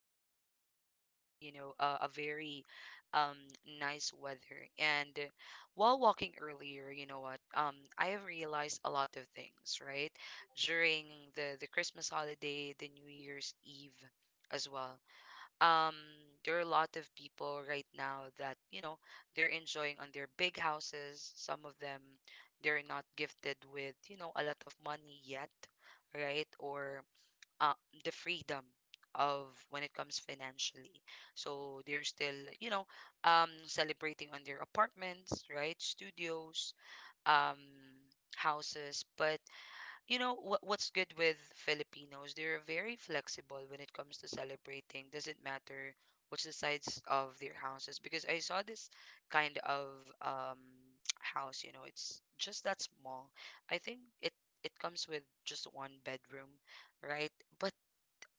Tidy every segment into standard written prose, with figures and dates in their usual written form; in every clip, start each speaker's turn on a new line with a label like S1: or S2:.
S1: was, a very um, nice weather. And while walking earlier, you know what? I have realized a lot of things, right? During the Christmas holiday, the New Year's Eve as well, um there are a lot of people right now that they're enjoying on their big houses. Some of them, they're not gifted with a lot of money yet, right? Or uh, the freedom of when it comes financially, so they're still you know celebrating on their apartments, right? Studios, um houses. But you know What's good with Filipinos? They're very flexible when it comes to celebrating. Doesn't matter what's the size of their houses, because I saw this kind of um house, it's just that small. I think it comes with just one bedroom, right? But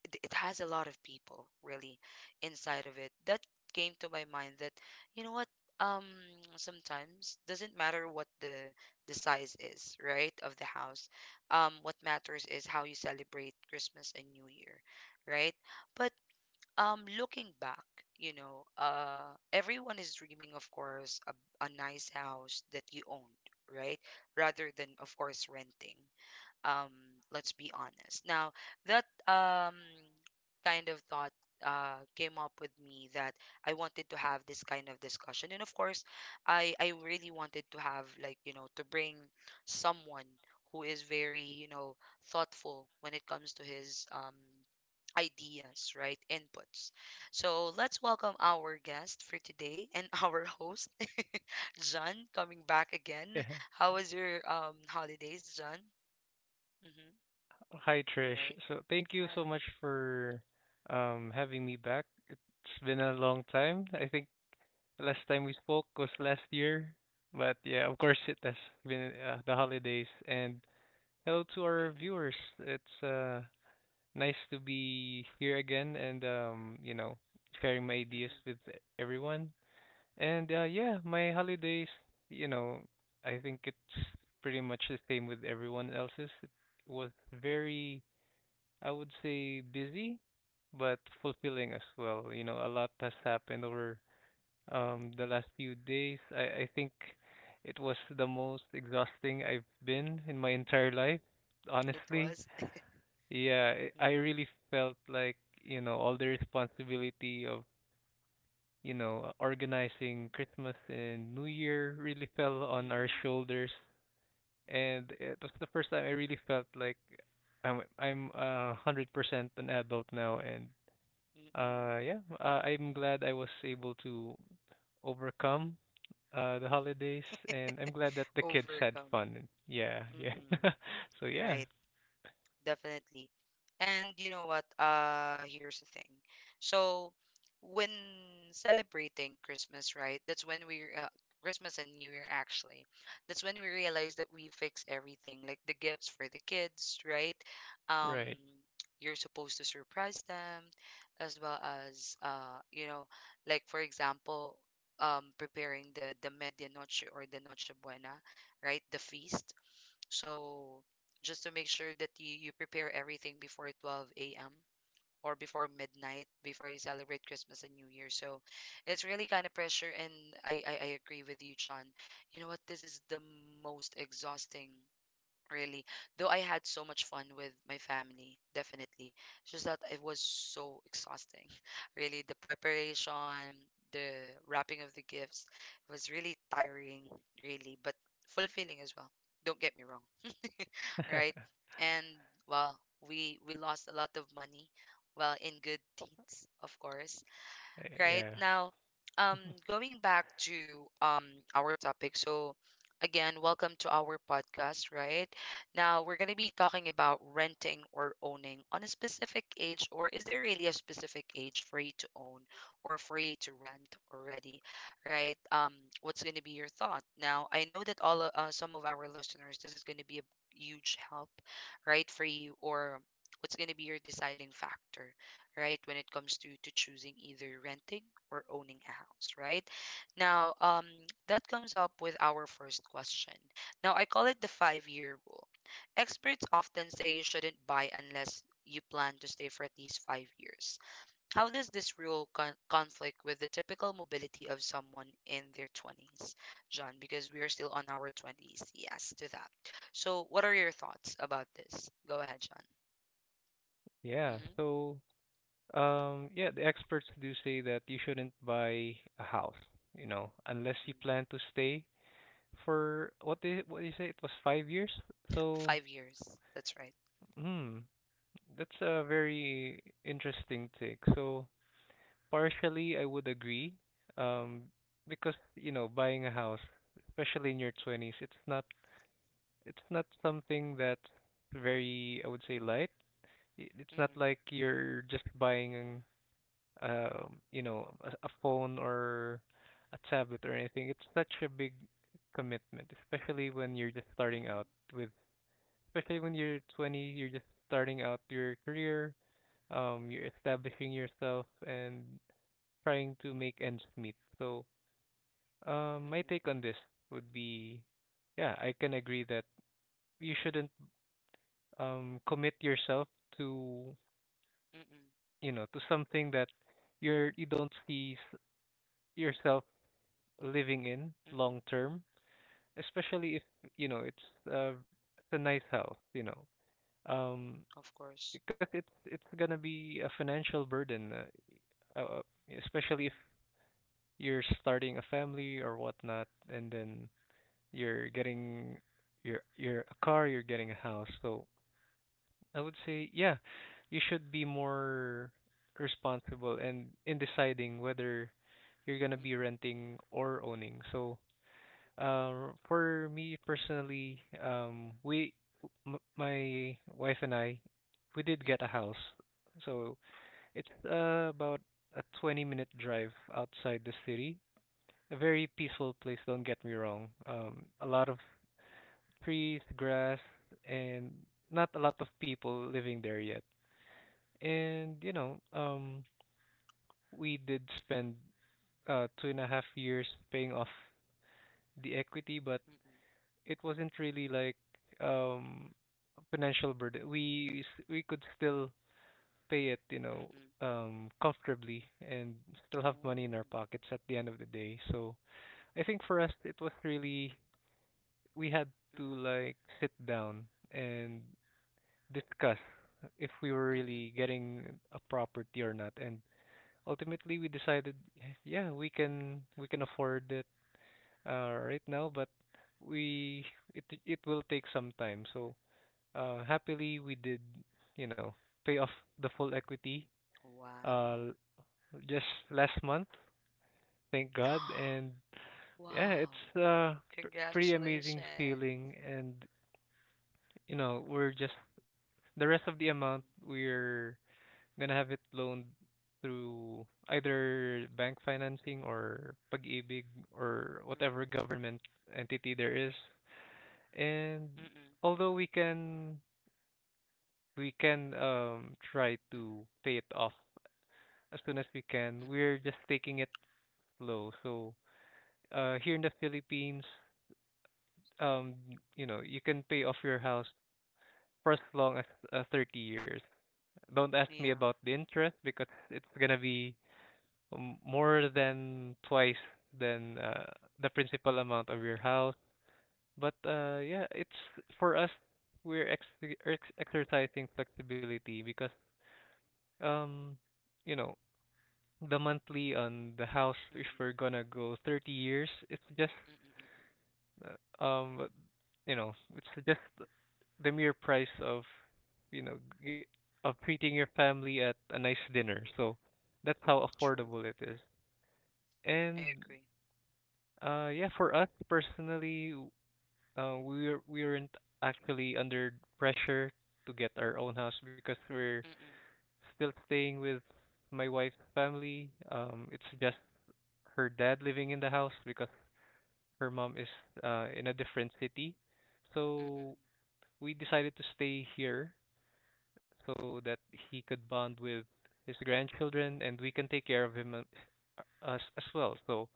S1: it has a lot of people really inside of it, that came to my mind that, you know what, um sometimes doesn't matter what the size is, right, of the house. What matters is how you celebrate Christmas and New Year, right? But looking back, everyone is dreaming, of course, a nice house that you owned, right, rather than, of course, renting. um let's be honest now, that kind of thought came up with me, that I wanted to have this kind of discussion. And of course, I really wanted to have, like, to bring someone who is very, thoughtful when it comes to his ideas, right, inputs. So let's welcome our guest for today and our host, John, coming back again.
S2: Yeah.
S1: How was your holidays, John? Mm-hmm.
S2: Hi, Trish.
S1: Right.
S2: So thank you
S1: I
S2: so much for having me back. It's been a long time. I think last time we spoke was last year, but yeah, of course it has been the holidays. And hello to our
S1: Mm-mm,
S2: viewers. It's nice to be here again and sharing my ideas
S1: mm-mm,
S2: with everyone. And yeah, my holidays, you know, I think it's pretty much the same with everyone else's. It was
S1: mm-mm.
S2: very, I would say, busy, but fulfilling as well. A lot has happened over the last few days. I think it was the most exhausting I've been in my entire life,
S1: It
S2: honestly.
S1: was
S2: Yeah, I
S1: mm-mm,
S2: really felt like, all the responsibility of, organizing Christmas and New Year really fell on our
S1: mm-mm,
S2: shoulders. And it was the first time I really felt like I'm 100% an adult now, and
S1: mm-mm.
S2: Yeah, I'm glad I was able to overcome the holidays, and I'm glad that the kids had
S1: Overcome.
S2: fun. Yeah, yeah.
S1: Mm-mm.
S2: So yeah,
S1: Right. Definitely. And you know what? Here's the thing. So when celebrating Christmas, right, that's when we, Christmas and New Year actually. That's when we realize that we fix everything, like the gifts for the kids, right? Um,
S2: right.
S1: you're supposed to surprise them, as well as, like, for example, preparing the medianoche or the noche buena, right? The feast. So just to make sure that you, prepare everything before 12 a.m. or before midnight, before you celebrate Christmas and New Year. So it's really kind of pressure, and I agree with you, John. You know what? This is the most exhausting, really. Though I had so much fun with my family, definitely. It's just that it was so exhausting, really. The preparation, the wrapping of the gifts, was really tiring, really, but fulfilling as well, don't get me wrong, right? And, well, we lost a lot of money, well, in good deeds, of course, right
S2: Yeah,
S1: now. um Going back to our topic, so again, welcome to our podcast. Right now we're going to be talking about renting or owning on a specific age, or is there really a specific age for you to own or for you to rent already, right? What's going to be your thought? Now I know that some of our listeners, this is going to be a huge help, right, for you. Or what's going to be your deciding factor, right, when it comes to choosing either renting or owning a house, right, now? That comes up with our first question. Now, I call it the 5-year rule. Experts often say you shouldn't buy unless you plan to stay for at least 5 years. How does this rule conflict with the typical mobility of someone in their 20s, John? Because we are still on our 20s, yes to that. So what are your thoughts about this? Go ahead, John.
S2: yeah.
S1: Hmm.
S2: So, yeah, the experts do say that you shouldn't buy a house, unless you
S1: Mm-mm.
S2: plan to stay for what you say it was 5 years. So,
S1: 5 years. That's right.
S2: hmm, that's a very interesting take. So, partially, I would agree, um, because you know, buying a house, especially in your 20s, it's not something that's very, I would say, light. It's not
S1: Mm-mm,
S2: like you're just buying, a phone or a tablet or anything. It's such a big commitment, especially when you're just starting
S1: mm-mm,
S2: with, especially when you're 20, you're just starting out your career, you're establishing yourself and trying to make ends meet. So my
S1: mm-mm,
S2: take on this would be, yeah, I can agree that you shouldn't commit yourself to,
S1: mm-mm,
S2: to something that you don't see yourself living in long
S1: mm-mm.
S2: term, especially if, you know, it's uh it's a nice house. Um,
S1: Of course.
S2: because it's gonna be a financial burden, uh, uh, especially if
S1: Mm-mm,
S2: you're starting a family or whatnot, and then you're getting your a car, you're getting a house. So I would say, yeah, you should be more responsible and in deciding whether you're gonna be
S1: mm-mm,
S2: renting or owning. So, uh, for me personally, my wife and I, we did get a
S1: mm-mm,
S2: house. So it's about a 20-minute drive outside the city. A very
S1: mm-mm,
S2: peaceful place, don't get me wrong. A lot of trees, grass, and not a lot of people living there yet. And we did spend 2.5 years paying off the equity, but
S1: mm-mm,
S2: it wasn't really like um a financial burden. We could still pay it,
S1: mm-mm.
S2: comfortably and still have money in
S1: Oh,
S2: our pockets at the end of the day. So I think for us it was really, we had to
S1: mm-mm,
S2: like sit down and discuss if we were
S1: mm-mm.
S2: really getting a property or not. And ultimately, we decided, yeah, we can afford it right now, but we it it will take some time. So happily, we did you know pay off the full equity
S1: Wow.
S2: uh, just last month, thank God. And yeah,
S1: Wow.
S2: it's a pretty amazing
S1: Congratulations.
S2: feeling, and we're just the rest of the
S1: Mm-mm,
S2: amount we're I'm gonna have it loaned through either bank financing or Pag-ibig or whatever government entity there is. And
S1: mm-mm,
S2: although we can try
S1: mm-mm, mm-mm,
S2: to pay it off as soon as we can,
S1: mm-mm.
S2: we're just taking it slow. So here in the Philippines, um you can pay off your house for as long as 30 years. Don't ask me
S1: Yeah.
S2: about the interest because it's gonna be more than twice than the principal amount of your house. But yeah, it's for us, we're exercising flexibility because um you know the monthly on the house, if
S1: Mm-mm,
S2: we're gonna go 30 years, it's just
S1: mm-mm, mm-mm.
S2: uh, um it's just the mere price you know g- of treating your family at a nice dinner, so that's how
S1: True.
S2: affordable it is.
S1: I
S2: And
S1: agree.
S2: Yeah, for us personally, we weren't actually under pressure to get our own house because we're
S1: Mm-mm,
S2: still staying with my wife's family. It's just her dad living in the house because her mom is in a different city. So
S1: mm-mm,
S2: we decided to stay here so that he could bond with his grandchildren and we can take care of him, us as well. So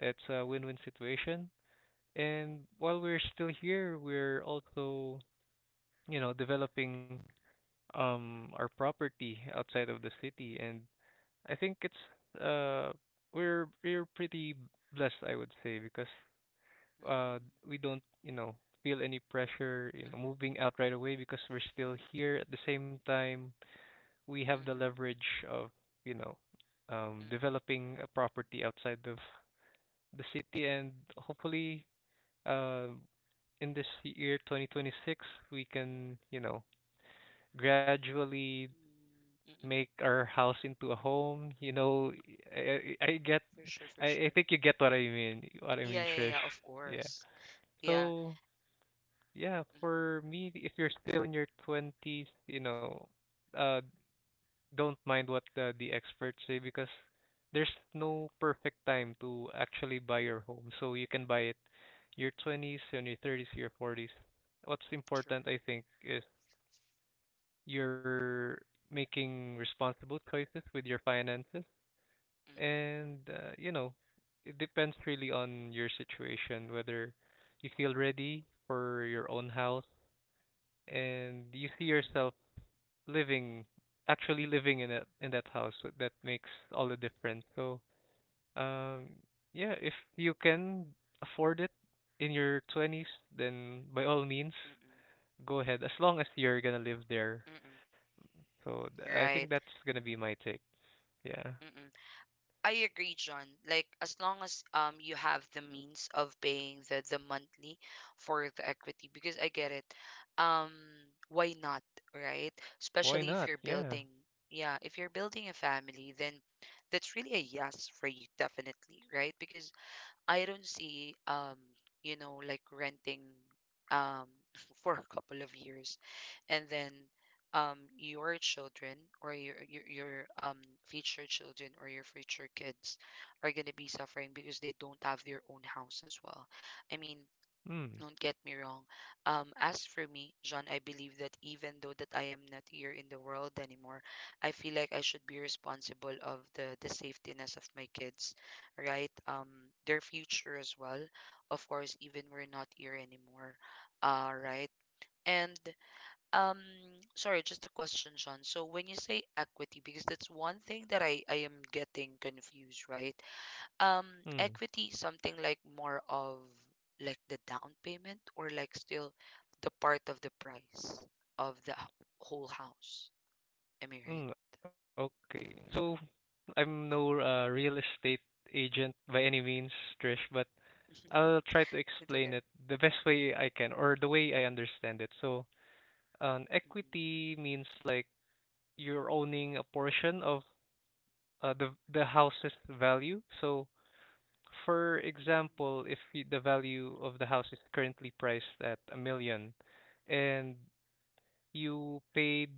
S2: it's a win-win situation. And while we're still here, we're also, developing our property outside of the city. And I think it's we're pretty blessed, I would say, because
S1: mm-mm,
S2: uh
S1: mm-mm,
S2: we don't, feel any pressure, moving out right away because we're still here. At the same time, we have the
S1: mm-mm,
S2: leverage of, you know,
S1: mm-mm,
S2: developing a property outside of the city, and hopefully um, in this year 2026, we can gradually
S1: mm-mm.
S2: make our house into a home. i I get,
S1: For sure,
S2: I,
S1: for
S2: I
S1: sure.
S2: think you get what I mean,
S1: Yeah, yeah,
S2: Trish.
S1: yeah, of
S2: Yeah.
S1: course. Yeah.
S2: So yeah,
S1: Mm-mm.
S2: for me, if you're still in your 20s, you know uh don't mind what the experts say, because there's no perfect time to actually buy your home. So you can buy it your 20s and your 30s, your 40s. What's
S1: True.
S2: important, I think, is you're making responsible choices with your finances.
S1: Mm-mm.
S2: And, it depends really on your situation, whether you feel ready for your own house and you see
S1: Mm-mm.
S2: yourself living, actually living in it, in that that makes all the difference. So, um, yeah, if you can afford it in your 20s, then by all means,
S1: Mm-mm.
S2: go ahead, as long as you're gonna live there.
S1: Mm-mm.
S2: So, I think
S1: Right.
S2: that's gonna be my take. Yeah.
S1: Mm-mm. I agree, John. Like, as long as you have the means of paying the monthly for the equity, because I get it. Um, why not, right?
S2: Why
S1: Especially if
S2: not?
S1: you're
S2: Yeah.
S1: building, yeah, if you're building a family, then that's really a yes for you, definitely, right? Because I don't see, like, renting um for a couple of years, and then your children, or your your future children or your future kids, are going to be suffering because they don't have their own house as well. I mean,
S2: Mm.
S1: don't get me wrong. As for me, John, I believe that even though that I am not here in the world anymore, I feel like I should be responsible of the safetiness of my kids, right? Their future as well. Of course, even we're not here anymore, right? And um, sorry, just a question, John. So when you say equity, because that's one thing that I am getting confused, right? Um,
S2: Mm.
S1: equity is something like more of, like, the down payment, or like still the part of the price of whole house. Am I right?
S2: Mm. Okay. So
S1: Mm-mm.
S2: I'm no real estate agent by any means, Trish, but I'll try to explain
S1: It's
S2: it
S1: okay.
S2: the best way I can, or the way I understand it. So, an
S1: Mm-mm.
S2: equity means like you're owning a portion of the house's value. So, for
S1: Mm-mm.
S2: example, if the value of the house is currently priced at a million, and you paid,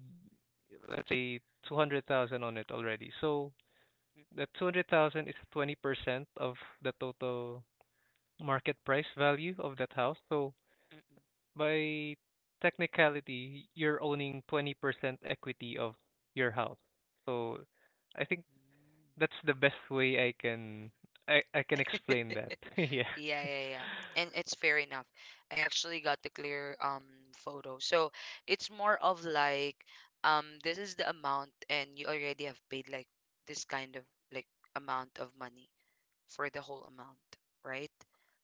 S2: let's say, 200,000 on it already, so that 200,000 is 20% of the total market price value of that house. So
S1: Mm-mm.
S2: by technicality, you're owning 20% equity of your house. So I think
S1: Mm.
S2: that's the best way I can, I can explain that. Yeah.
S1: Yeah, yeah, yeah. And it's fair enough. I actually got the clear photo. So it's more of, like, this is the amount, and you already have paid like this kind of, like, amount of money for the whole amount, right?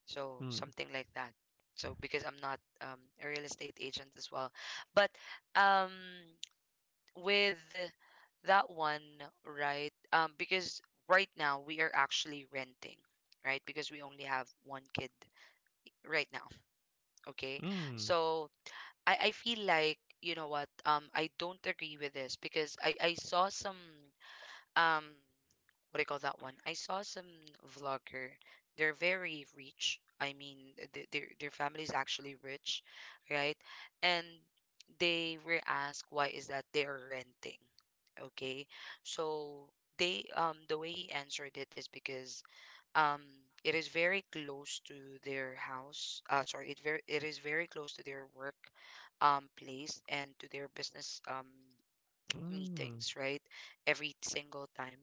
S1: So
S2: Mm.
S1: something like that. So because I'm not, a real estate agent as well, but um, with that one, right? Because right now we are actually renting, right? Because we only have one kid right now. Okay,
S2: Mm.
S1: so I feel like, you know what? I don't agree with this because I saw some um what do you call that one? I saw some vlogger. They're very rich. I mean, their family is actually rich, right? And they were asked why is that they are renting. Okay, so they, the way he answered it is because um it is very close to their house. Sorry, it is very close to their work place, and to their business
S2: Mm.
S1: meetings, right? Every single time.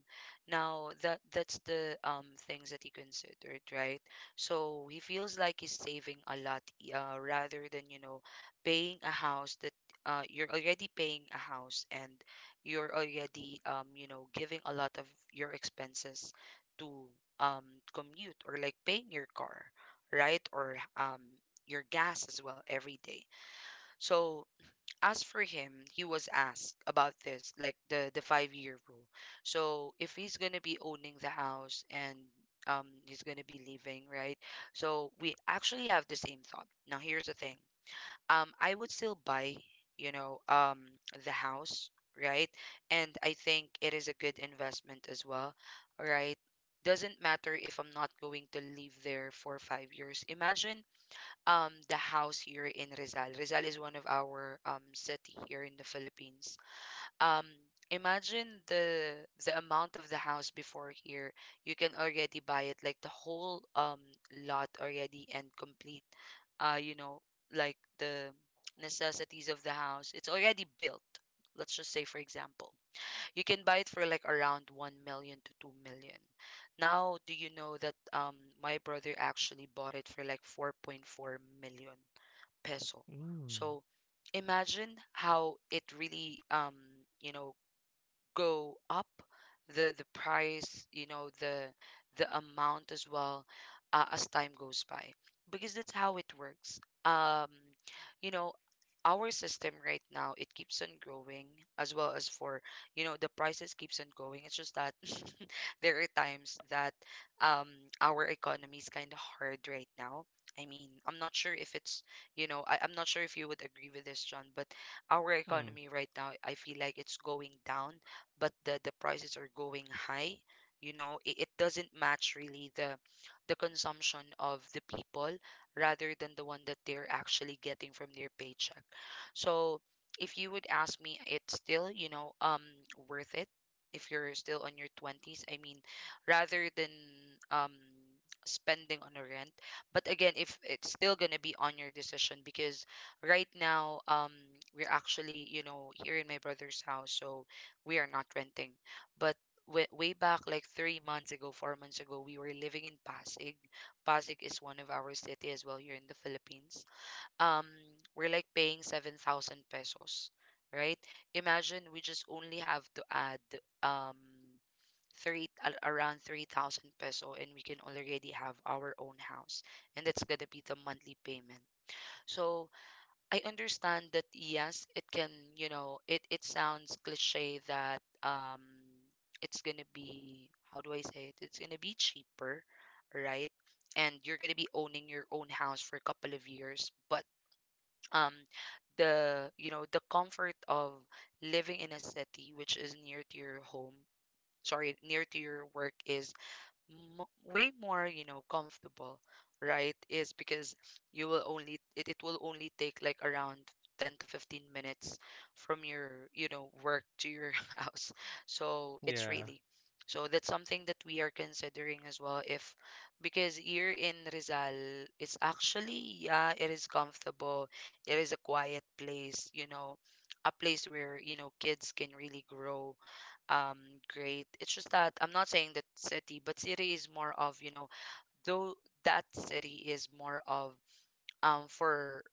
S1: Now that that's the things that he considered, right? So he feels like he's saving a lot, rather than, you know, paying a house, that, you're already paying a house, and you're already, you know, giving a lot of your expenses to um commute, or like, paying your car, right? Or your gas as well every day. So as for him, he was asked about this, like the 5-year rule. So if he's gonna be owning the house, and he's gonna be leaving, right? So we actually have the same thought. Now here's the thing. I would still buy, you know, the house, right? And I think it is a good investment as well, right? Doesn't matter if I'm not going to live there for 5 years. Imagine the house here in Rizal. Rizal is one of our city here in the Philippines. Um imagine the amount of the house before here. You can already buy it like the whole lot already and complete, uh, you know, like the necessities of the house. It's already built. Let's just say, for example, you can buy it for like around 1 million to 2 million. Now, do you know that my brother actually bought it for like 4.4 million? Peso.
S2: Mm.
S1: So imagine how it really you know go up the price, you know, the amount as well as time goes by, because that's how it works. You know our system right now, it keeps on growing, as well as, for you know the prices keeps on going. It's just that there are times that um our economy is kind of hard right now. I mean, I'm not sure if it's, I'm not sure if you would agree with this, John, but our
S2: Mm.
S1: economy right now, I feel like it's going down, but the prices are going high. You know, it doesn't match really the consumption of the people rather than the one that they're actually getting from their paycheck. So if you would ask me, it's still, worth it if you're still on your 20s. I mean, rather than um spending on a rent. But again, if it's still going to be on your decision, because right now, we're actually, you know, here in my brother's house, so we are not renting. But way, way back, like 3 months ago, 4 months ago, we were living in Pasig. Pasig is one of our city as well here in the Philippines. Um, we're like paying 7,000 pesos, right? Imagine we just only have to add, um around 3,000 peso, and we can already have our own house. And that's gonna be the monthly payment. So I understand that yes, it can, you know, it sounds cliche that, it's gonna be, how do I say it? It's gonna be cheaper, right? And you're gonna be owning your own house for a couple of years. But um the, you know, the comfort of living in a city which is near to your home, sorry, near to your work is mo way more, you know, comfortable, right? Is because you will only it will only take like around 10 to 15 minutes from your, you know, work to your house. So it's
S2: Yeah.
S1: really, so that's something that we are considering as well if, because here in Rizal, it's actually, yeah, it is comfortable, it is a quiet place, you know, a place where, you know, kids can really grow, um great. It's just that I'm not saying that city, but city is more of, you know, though that city is more of for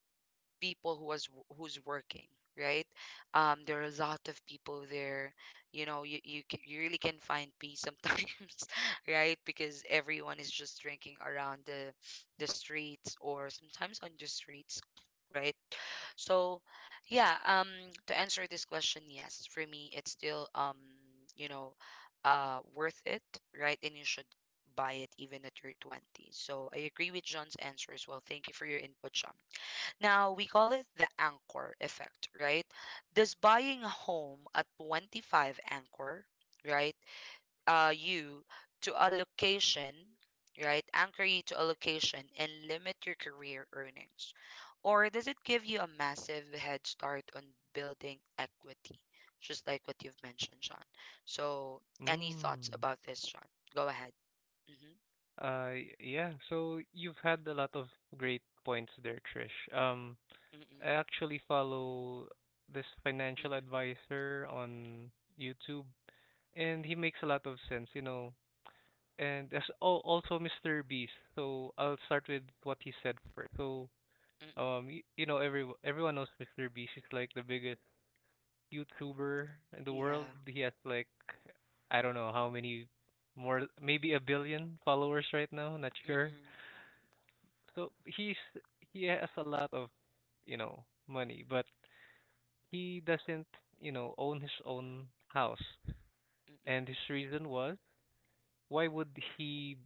S1: people who was who's working, right? Um, there are a lot of people there. You know, you really can find peace sometimes, right? Because everyone is just drinking around the streets, or sometimes on the streets, right? So, yeah, to answer this question, yes, for me, it's still, you know, worth it, right? And you should buy it even at your 20s. So I agree with John's answer as well. Thank you for your input, John. Now, we call it the anchor effect, right? Does buying a home at 25 anchor, right? You to a location, right? Anchor you to a location and limit your career earnings? Or does it give you a massive head start on building equity, just like what you've mentioned, Sean? So, any thoughts
S2: Mm.
S1: about this, Sean? Go ahead. Mm-hmm.
S2: Yeah. So you've had a lot of great points there, Trish.
S1: Mm-mm.
S2: I actually follow this financial
S1: Mm-mm.
S2: advisor on YouTube, and he makes a lot of sense. And also Mr. Beast. So I'll start with what he said first. So
S1: Mm-mm.
S2: everyone knows Mr. Beast. He's like the biggest YouTuber in the world.
S1: Yeah.
S2: He has, like, I don't know how many more, maybe a billion followers right now. Not sure.
S1: Mm-mm.
S2: So he has a lot of money, but he doesn't own his own house.
S1: Mm-mm.
S2: And his reason was, why would he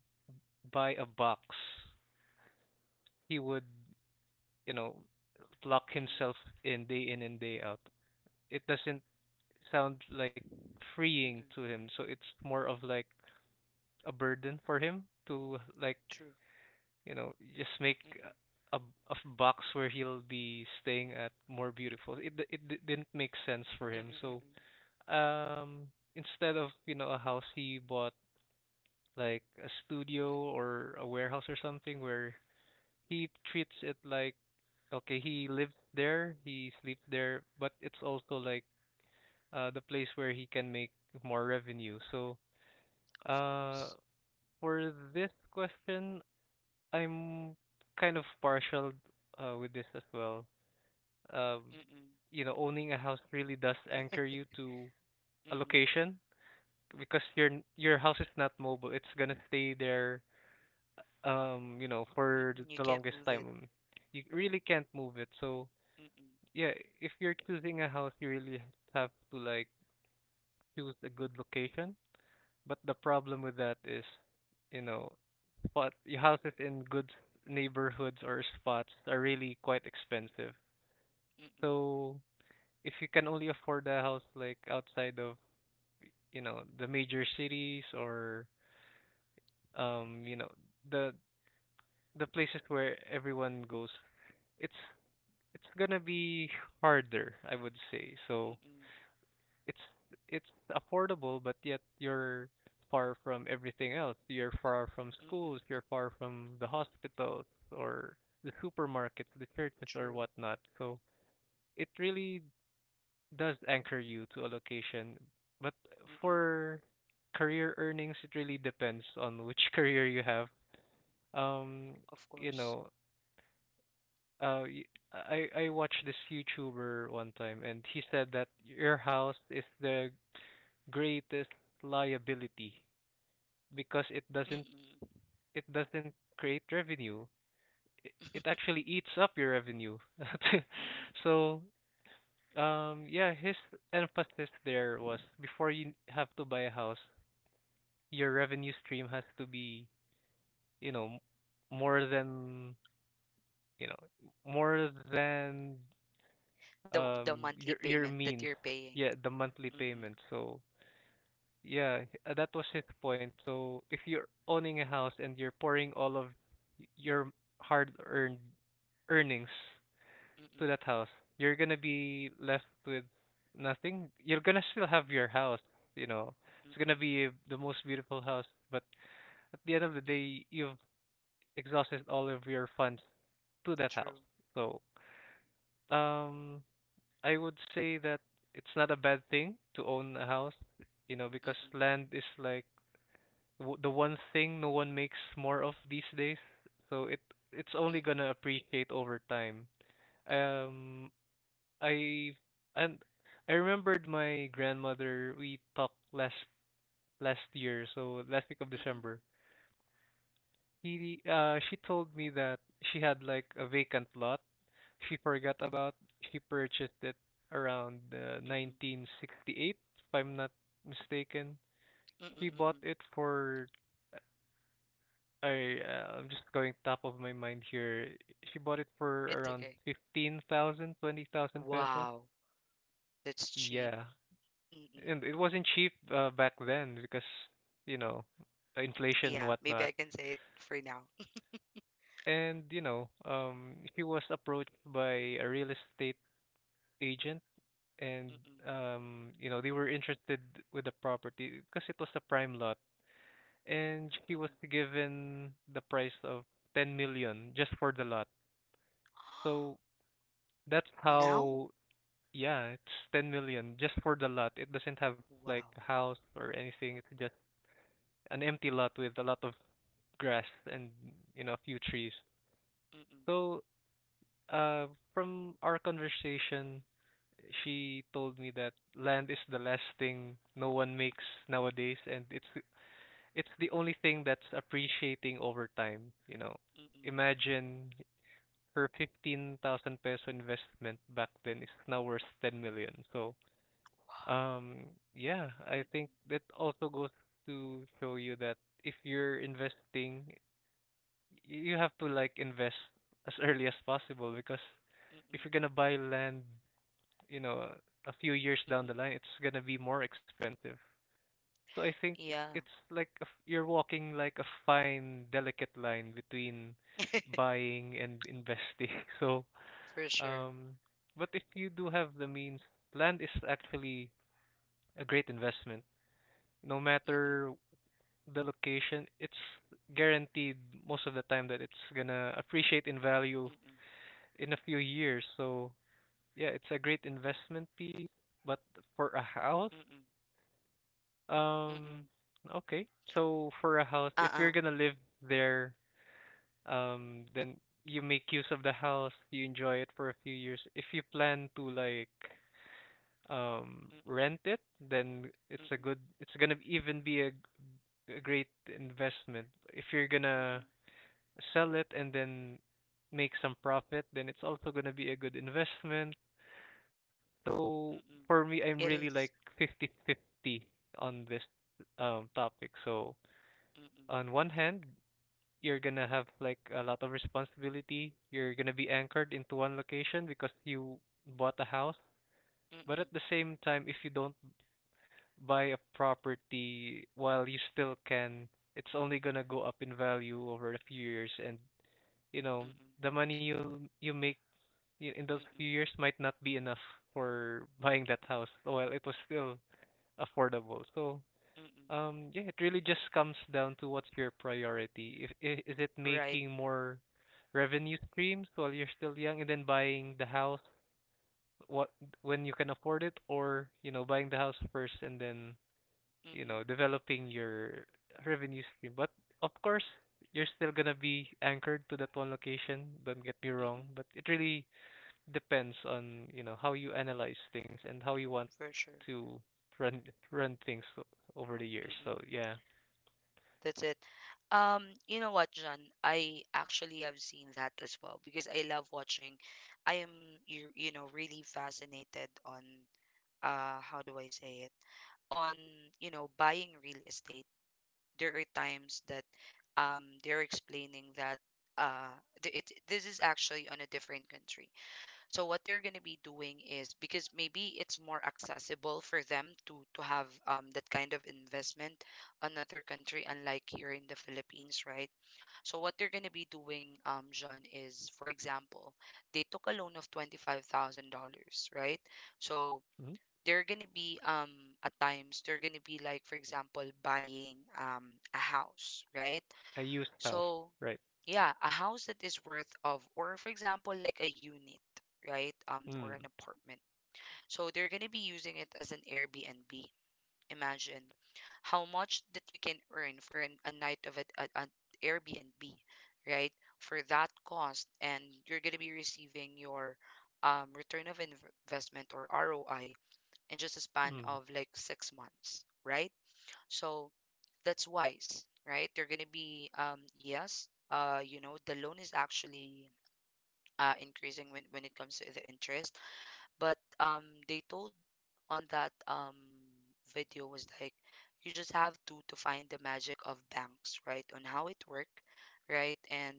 S2: buy a box, he would, you know, lock
S1: Mm-mm.
S2: himself in day in and day out. It doesn't sound like freeing
S1: Mm-mm.
S2: to him, so it's more of like a burden for him to like,
S1: True.
S2: just make
S1: Mm-mm.
S2: a box where he'll be staying at more beautiful. It didn't make sense for
S1: Mm-mm.
S2: him. So,
S1: Mm-mm.
S2: um instead of, a house, he bought like a studio
S1: Mm-mm.
S2: or a warehouse or something where he treats it like, okay, he lives there, he sleeps there, but it's also like the place where he can make more revenue. So,
S1: Of
S2: uh
S1: course.
S2: for this question, I'm kind of partial with this as well. Um,
S1: Mm-mm.
S2: owning a house really does anchor you to a
S1: Mm-mm.
S2: location because your house is not mobile. It's gonna stay there, for th-
S1: Mm-mm. You
S2: the
S1: can't
S2: longest
S1: move it.
S2: time. You really can't move it. So,
S1: Mm-mm.
S2: yeah, if you're choosing a house, you really have to like choose a good location. But the problem with that is, you know, spot your houses in good neighborhoods or spots are really quite expensive.
S1: Mm-mm,
S2: So if you can only afford a house like outside of, the major cities or um, you know, the the places where everyone goes, it's it's gonna be harder, I would say. So
S1: mm-mm,
S2: it's it's affordable, but yet you're far from everything else. You're far from schools.
S1: mm-mm.
S2: You're far from the hospitals or the supermarkets, the churches, or
S1: True.
S2: whatnot. So it really does anchor you to a location. But
S1: Mm-mm.
S2: for career earnings, it really depends on which career you have. Um,
S1: Of
S2: you
S1: course.
S2: know, uh, y- I watched this YouTuber one time, and he said that your house is the greatest liability because
S1: Mm-mm.
S2: it doesn't create revenue. It actually eats up your revenue.
S1: Mm-mm.
S2: So yeah, his emphasis there was before you have to buy a house, your revenue stream has to be, you know, more than you know more than
S1: The
S2: um your
S1: monthly
S2: your
S1: payment that
S2: means.
S1: you're paying.
S2: Yeah, the monthly
S1: Mm-mm,
S2: payment. So. Yeah, that was his point. So if you're owning a house and you're pouring all of your hard-earned earnings to
S1: mm-mm,
S2: that house, you're gonna be left with nothing. You're gonna still have your house, you know. It's gonna
S1: mm-mm,
S2: be the most beautiful house, but at the end of the
S1: mm-mm.
S2: day, you've exhausted all of your funds to that house.
S1: True.
S2: So, um, I would say that it's not a bad thing to own a house, you know, because
S1: Mm-mm,
S2: land is like the one thing no one makes more of these days. So it's only
S1: mm-mm,
S2: gonna appreciate over time.
S1: mm-mm,
S2: Um, I and I remembered my grandmother. We talked last year, so last week of
S1: mm-mm,
S2: December. He she told me that she had like a vacant lot she forgot about. She purchased it around
S1: mm-mm,
S2: 1968, if I'm not mistaken.
S1: mm-mm,
S2: She bought
S1: mm-mm.
S2: it for I'm just going top of my mind here. She bought it for
S1: It's
S2: around
S1: okay.
S2: 15,000, 20,000 pesos.
S1: Wow, that's cheap.
S2: Yeah.
S1: Mm-mm.
S2: And it wasn't cheap back then because, you know, inflation and
S1: Yeah, maybe
S2: whatnot.
S1: I can say it for now.
S2: You know, he was approached by a real estate agent and
S1: Mm-mm,
S2: um you know, they were interested with the property because it was a prime lot and he was
S1: mm-mm,
S2: given the price of 10 million just for the lot. So that's
S1: Now?
S2: how. Yeah, it's 10 million just for the lot. It doesn't have like
S1: Wow.
S2: a house or anything. It's just an empty lot with a lot of grass and, you know, a few trees.
S1: Mm-mm,
S2: So, uh, from our conversation, she told me that land is the last thing no one makes nowadays, and it's the only thing that's appreciating over time, you know.
S1: mm-mm,
S2: Imagine her 15,000 peso investment back then is now worth 10 million. So,
S1: Wow.
S2: Um, yeah, I
S1: Mm-mm,
S2: think that also goes to show you that if you're investing, you have to like invest as early as possible because if
S1: mm-mm,
S2: you're gonna buy land, you know, a few years down the
S1: mm-mm.
S2: line, it's gonna be more expensive. So I think
S1: Yeah.
S2: it's like a f you're walking like a fine, delicate line between buying and investing. So,
S1: For sure.
S2: um, but if you do have the means, land is actually a great investment no
S1: Mm-mm,
S2: matter the location, it's guaranteed most of the time that it's gonna appreciate in value
S1: mm-mm,
S2: in a few years. So yeah, it's a great investment piece. But for a house,
S1: mm-mm, mm-mm,
S2: um, okay. So for a house, if
S1: Uh-uh.
S2: you're gonna live there, then you make use of the house, you enjoy it for a few years. If you plan to like
S1: Mm-mm,
S2: rent it, then it's a
S1: mm-mm,
S2: good. It's gonna even be a great investment. If you're gonna
S1: mm-mm,
S2: sell it and then make some profit, then it's also gonna be a good investment. So for
S1: mm-mm.
S2: me, I'm really
S1: It
S2: like
S1: is.
S2: 50-50 on this topic. So
S1: Mm-mm,
S2: on one hand, you're gonna have like a lot of responsibility. You're gonna be anchored into one location because you bought a house. But
S1: mm-mm,
S2: at the same time, if you don't buy a property while you still can, it's only gonna go up in value over a few years, and you know,
S1: mm-mm,
S2: the money you make in those few
S1: mm-mm,
S2: years might not be enough for buying that house while it was still affordable. So,
S1: mm-mm.
S2: um, yeah, it really just comes down to what's your priority. If I- is it
S1: Right.
S2: making more revenue streams while you're still young and then buying the house what when you can afford it or, you know, buying the house first and then you
S1: Mm-mm,
S2: know, developing your revenue stream. But of course, you're still gonna be anchored to that one location. Don't get me wrong,
S1: mm-mm.
S2: but it really depends on, you know, how you analyze things and how you want
S1: For sure.
S2: to run run things over the years.
S1: Mm-mm.
S2: So yeah.
S1: That's it. You know what, John? I actually have seen that as well because I love watching. I am, you know, really fascinated on, how do I say it? On, you know, buying real estate, there are times that they're explaining that uh, th- it this is actually on a different country. So what they're gonna be doing is, because maybe it's more accessible for them to have that kind of investment, another country, unlike here in the Philippines, right? So what they're gonna be doing, John, is, for example, they took a loan of $25,000, right? So
S2: Hmm.
S1: there are gonna be, at times, they're gonna be like, for example, buying a house, right?
S2: I used house,
S1: So
S2: right?
S1: yeah, a house that is worth of, or for example, like a unit, right? Um, or an
S2: Mm,
S1: apartment. So they're gonna be using it as an Airbnb. Imagine how much that you can earn for a night of it at an Airbnb, right? For that cost, and you're gonna be receiving your return of investment or roi in just a span
S2: mm,
S1: of like 6 months, right? So that's wise, right? They're gonna be, um, yes, you know, the loan is actually uh, increasing when it comes to the interest, but they told on that video was like, you just have to find the magic of banks, right? On how it work, right? And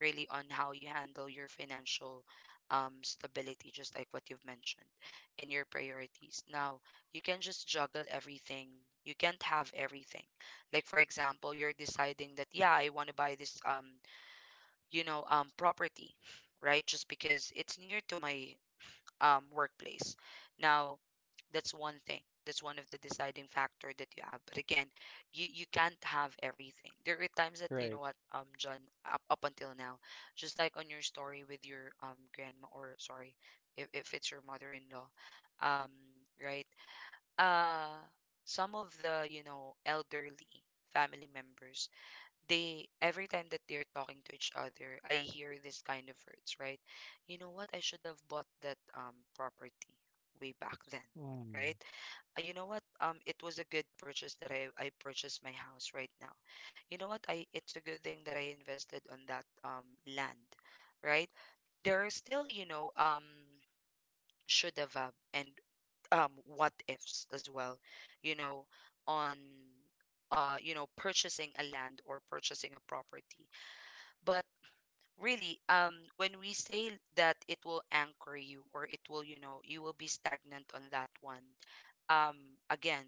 S1: really on how you handle your financial stability, just like what you've mentioned, and your priorities. Now, you can just juggle everything. You can't have everything. Like, for example, you're deciding that yeah, I want to buy this, property, right, just because it's near to my workplace. Now, that's one thing. That's one of the deciding factor that you have. But again, you can't have everything. There are times that, you
S2: right.
S1: know what, John, up until now, just like on your story with your grandma, or sorry, if it's your mother-in-law, um, right? Uh, some of the, you know, elderly family members, they every time that they're talking to each other, I hear this kind of words, right? You know what? I should have bought that property way back then,
S2: Mm,
S1: right? You know what? It was a good purchase that I purchased my house right now. You know what? I, it's a good thing that I invested on that land, right? There are still, you know, should have and what ifs as well, you know, on you know, purchasing a land or purchasing a property. But really, when we say that it will anchor you, or it will, you know, you will be stagnant on that one. Um, again,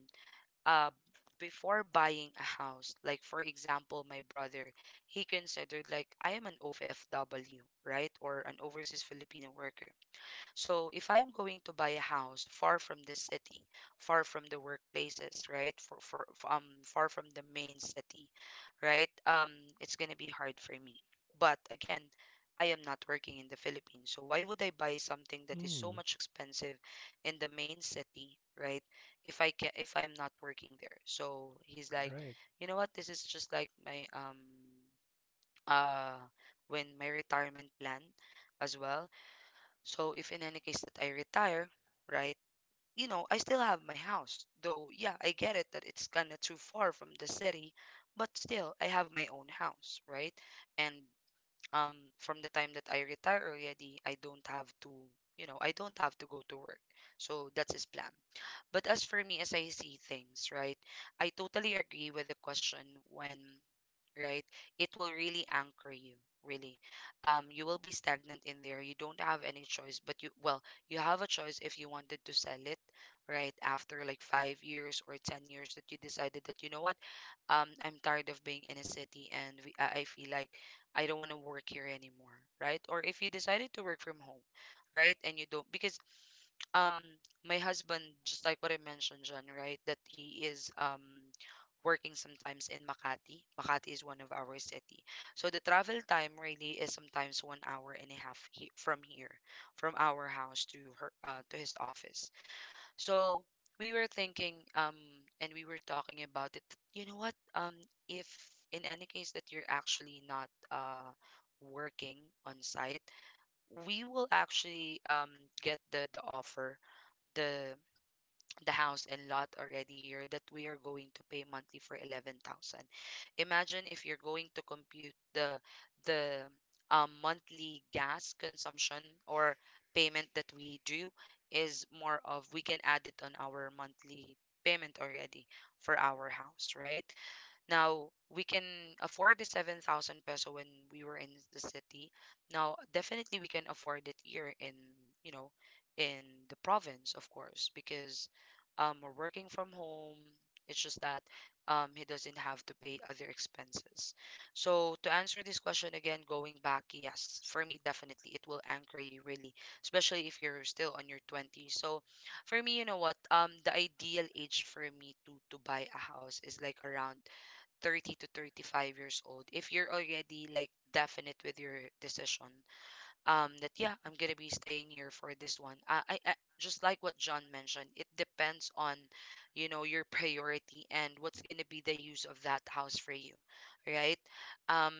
S1: uh, before buying a house, like for example, my brother, he considered like, I am an OFW, right? Or an overseas Filipino worker. So if I'm going to buy a house far from the city, far from the workplaces, right? Far from the main city, right? It's gonna be hard for me. But again, I am not working in the Philippines, so why would I buy something that is so
S2: mm,
S1: much expensive in the main city, right? If I can, if I'm not working there. So he's like,
S2: right.
S1: you know what? This is just like my uh when my retirement plan as well. So if in any case that I retire, right, you know, I still have my house. Though, yeah, I get it that it's kind of too far from the city, but still, I have my own house, right? And from the time that I retire already, I don't have to, you know, I don't have to go to work. So that's his plan. But as for me, as I see things, right, I totally agree with the question when, right? It will really anchor you, really. You will be stagnant in there. You don't have any choice. But you, well, you have a choice if you wanted to sell it, right? After like 5 years or 10 years that you decided that, you know what, I'm tired of being in a city and I feel like I don't want to work here anymore, right? Or if you decided to work from home, right? And you don't, because um my husband, just like what I mentioned, John, right, that he is working sometimes in Makati. Makati is one of our city. So the travel time really is sometimes 1 hour and a half, from here, from our house to her to his office. So we were thinking, and we were talking about it. You know what? Um, if in any case that you're actually not working on site, we will actually get the offer, the the house and lot already here that we are going to pay monthly for 11,000. Imagine if you're going to compute the monthly gas consumption or payment that we do is more of, we can add it on our monthly payment already for our house, right? Now we can afford the 7,000 peso when we were in the city. Now definitely we can afford it here in, you know, in the province, of course, because we're working from home. It's just that he doesn't have to pay other expenses. So to answer this question again, going back, yes, for me definitely it will anchor you really, especially if you're still on your 20s. So for me, you know what? The ideal age for me to buy a house is like around 30 to 35 years old if you're already like definite with your decision that yeah, I'm gonna be staying here for this one. I just like what John mentioned, it depends on, you know, your priority and what's gonna be the use of that house for you, right? um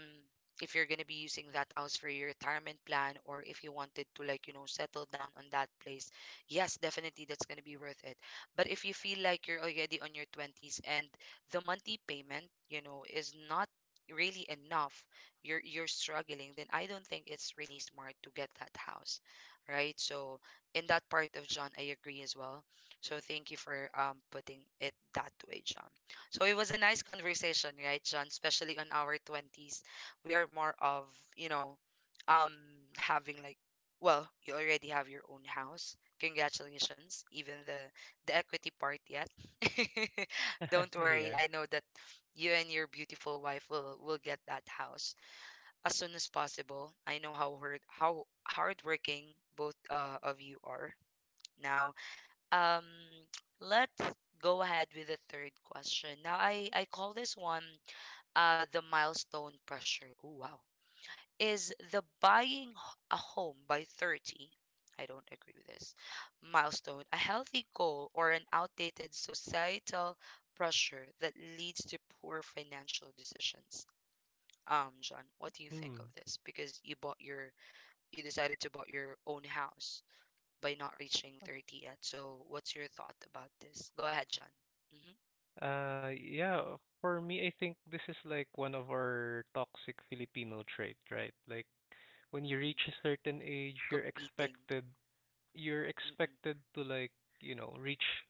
S1: if you're gonna be using that house for your retirement plan, or if you wanted to, like, you know, settle down on that place, yes, definitely, that's gonna be worth it. But if you feel like you're already on your 20s and the monthly payment, you know, is not really enough, you're struggling, then I don't think it's really smart to get that house, right? So in that part of John, I agree as well. So thank you for putting it that way, John. So it was a nice conversation, right, John? Especially on our 20s, we are more of, you know, um having like, well, you already have your own house. Congratulations, even the equity part yet. Don't worry,
S2: Yeah.
S1: I know that you and your beautiful wife will get that house as soon as possible. I know how hard, how hardworking both of you are. Now, um, let's go ahead with the third question. Now, I call this one the milestone pressure. Oh wow, is the buying a home by 30? I don't agree with this. Milestone, a healthy goal, or an outdated societal pressure that leads to poor financial decisions. John, what do you think of
S2: Mm.
S1: this? Because you bought your, you decided to bought your own house by not reaching 30 yet. So, what's your thought about this? Go ahead, John. Mm-hmm.
S2: Yeah, for me, I think this is like one of our toxic Filipino trait, right? Like when you
S1: Mm-mm.
S2: reach a certain age,
S1: Competing.
S2: you're
S1: Mm-mm.
S2: expected to like, you know, reach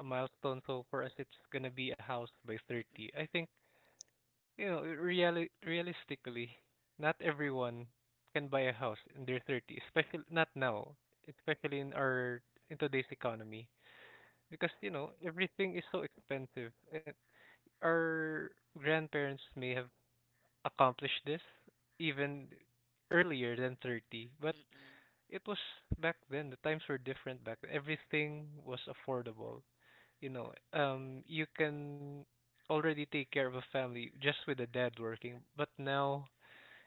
S2: a milestone. So for us, it's gonna be a house by
S1: Mm-mm.
S2: 30. I think, you know, realistically, not everyone can buy a house in their 30, especially not now, especially in our in today's economy because you know everything is so expensive. Our grandparents may have accomplished this even earlier than 30, but
S1: Mm-mm.
S2: it was back then. The times were different back then. Everything was affordable. You know, you can already take care of a family just with the dad working, but now,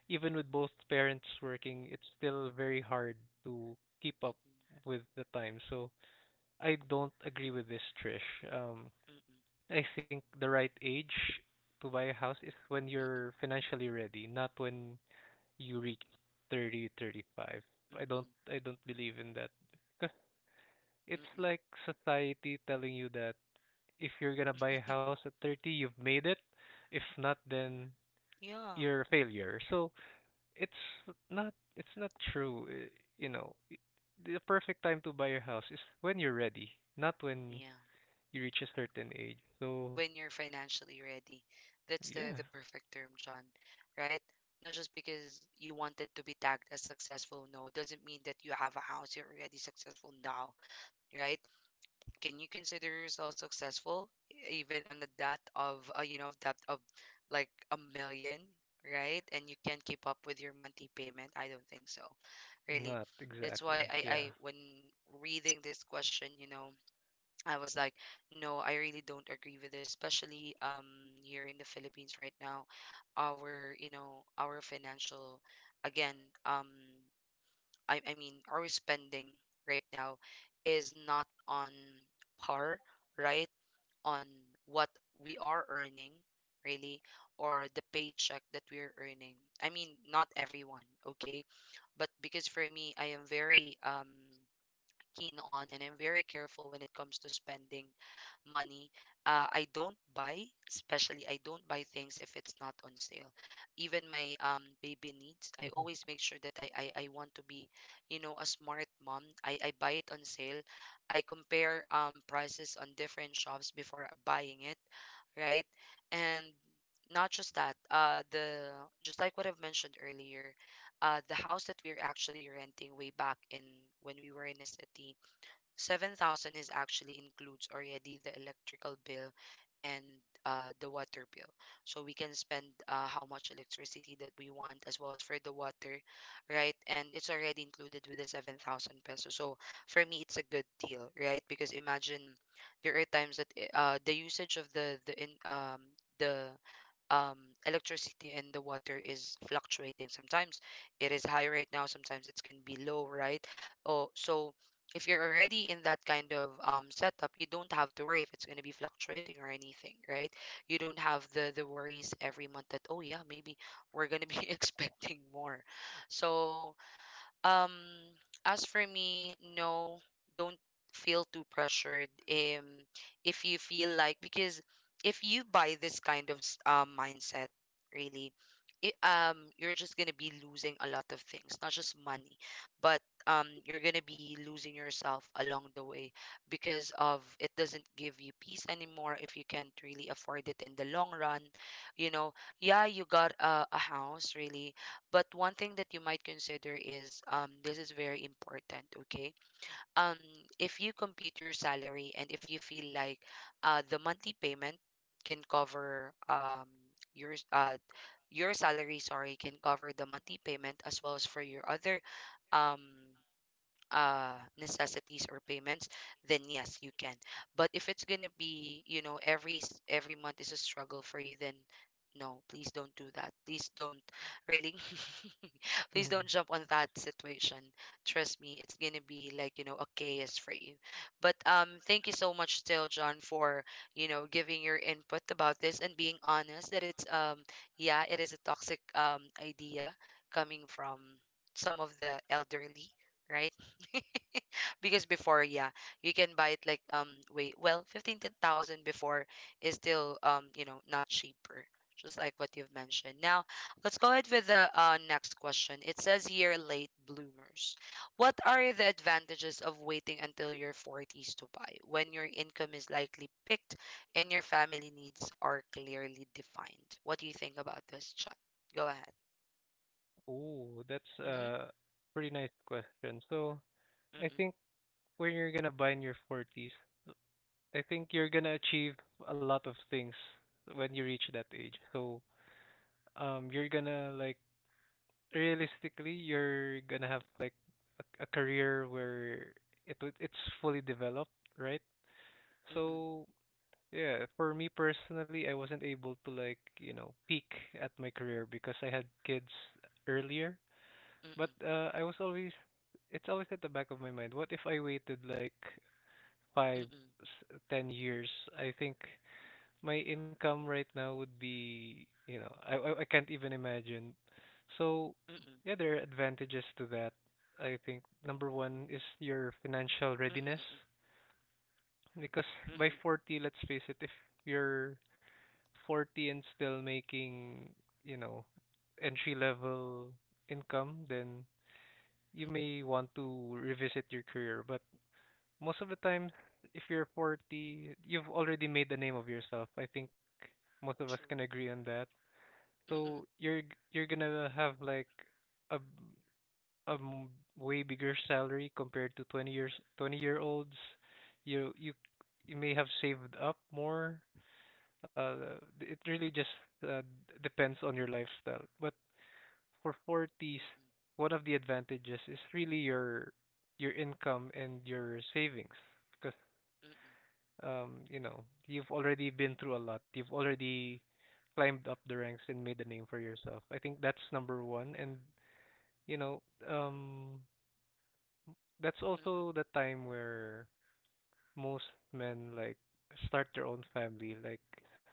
S2: even with both parents working, it's still very hard to keep up
S1: Mm-mm.
S2: with the time. So I don't agree with this, Trish. Um,
S1: Mm-mm.
S2: I think the right age to buy a house is when
S1: Mm-mm.
S2: you're financially ready, not when you reach 30, 35.
S1: Mm-mm.
S2: I don't believe in that because it's
S1: Mm-mm.
S2: like society telling you that if you're gonna buy a house at 30, you've made it. If not, then
S1: Yeah.
S2: you're a failure. So it's it's not true. You know, I- the perfect time to buy a house is when you're ready, not when
S1: Yeah.
S2: you reach a certain age. So
S1: When you're financially ready. That's the
S2: yeah.
S1: perfect term, John, right? Not just because you wanted to be tagged as successful. No, doesn't mean that you have a house, you're already successful now, right? Can you consider yourself successful even on the debt of you know, debt of like 1 million, right? And you can't keep up with your monthly payment, I don't think so, really.
S2: Not
S1: That's why
S2: exactly,
S1: i
S2: yeah.
S1: i when reading this question, you know, I was like, no, I really don't agree with this, especially here in the Philippines right now. Our, you know, our financial, again, um I mean our spending right now is not on par, right? On what we are earning, really, or the paycheck that we are earning. I mean, not everyone, okay? But because for me, I am very keen on, and I'm very careful when it comes to spending money. I don't buy, especially I don't buy things if it's not on sale. Even my baby needs, I
S2: Mhm,
S1: always make sure that I want to be, you know, a smart mom. I buy it on sale. I compare prices on different shops before buying it, right? And not just that, the just like what I've mentioned earlier, the house that we are actually renting way back in, when we were in a city, 7,000 is actually includes already the electrical bill and the water bill. So we can spend how much electricity that we want as well as for the water, right? And it's already included with the 7,000 pesos. So for me, it's a good deal, right? Because imagine, there are times that the usage of the in the um, electricity and the water is fluctuating. Sometimes it is high right now, sometimes it can be low, right? Oh, so if you're already in that kind of setup, you don't have to worry if it's going to be fluctuating or anything, right? You don't have the worries every month that, oh yeah, maybe we're going to be expecting more. So um, as for me, no, don't feel too pressured. If you feel like, because if you buy this kind of mindset, really, it, you're just gonna be losing a lot of things, not just money, but you're gonna be losing yourself along the way, because of it doesn't give you peace anymore if you can't really afford it in the long run. You know, yeah, you got a house, really, but one thing that you might consider is, this is very important, okay? Um, if you compute your salary and if you feel like the monthly payment can cover your s- uh, your salary, sorry, can cover the monthly payment as well as for your other um necessities or payments, then yes, you can. But if it's gonna be, you know, every every month is a struggle for you, then no, please don't do that. Please don't, really,
S2: mhm.
S1: please don't jump on that situation. Trust me, it's gonna be like, you know, a chaos for you. But thank you so much still, John, for, you know, giving your input about this and being honest that it's yeah, it is a toxic idea coming from some of the elderly, right? Because before, yeah, you can buy it like wait well 15 thousand before is still you know, not cheaper, just like what you've mentioned. Now let's go ahead with the next question. It says here, late bloomers, what are the advantages of waiting until your 40s to buy when your income is likely picked and your family needs are clearly defined? What do you think about this, John? Go ahead.
S2: Oh, that's
S1: Mm-hmm.
S2: a pretty nice question. So I
S1: Mm-mm.
S2: think when you're gonna buy in your 40s, I think you're gonna achieve a lot of things when you reach that age. So you're gonna like realistically, you're gonna have like a career where it's fully developed, right?
S1: Mm-mm.
S2: So yeah, for me personally, I wasn't able to like, you know, peak at my career because I had kids earlier. But
S1: Mm-mm.
S2: it's always at the back of my mind. What if I waited like five,
S1: Mm-mm.
S2: 10 years? I think my income right now would be, you know, I can't even imagine. So
S1: Mm-mm.
S2: yeah, there are advantages to that. I think number one is your financial readiness
S1: Mm-mm.
S2: because by
S1: Mm-mm.
S2: 40, let's face it, if you're 40 and still making, you know, entry level income, then you
S1: Mm-mm,
S2: may want to revisit your career. But most of the time, if you're 40, you've already made the name of yourself. I think most of us can
S1: true.
S2: agree on that.
S1: Mm-mm,
S2: So you're gonna have like a b- a m- way bigger salary compared to 20 years 20-year-olds. You you you may have saved up more uh, it really just uh, depends on your lifestyle. But for 40s,
S1: mm-mm,
S2: one of the advantages is really your income and your savings because
S1: mm-mm,
S2: you know, you've already been through a lot. You've already climbed up the ranks and made a name for yourself. I think that's number one. And you know, um, that's
S1: mm-mm,
S2: also the time where most men like start their own family like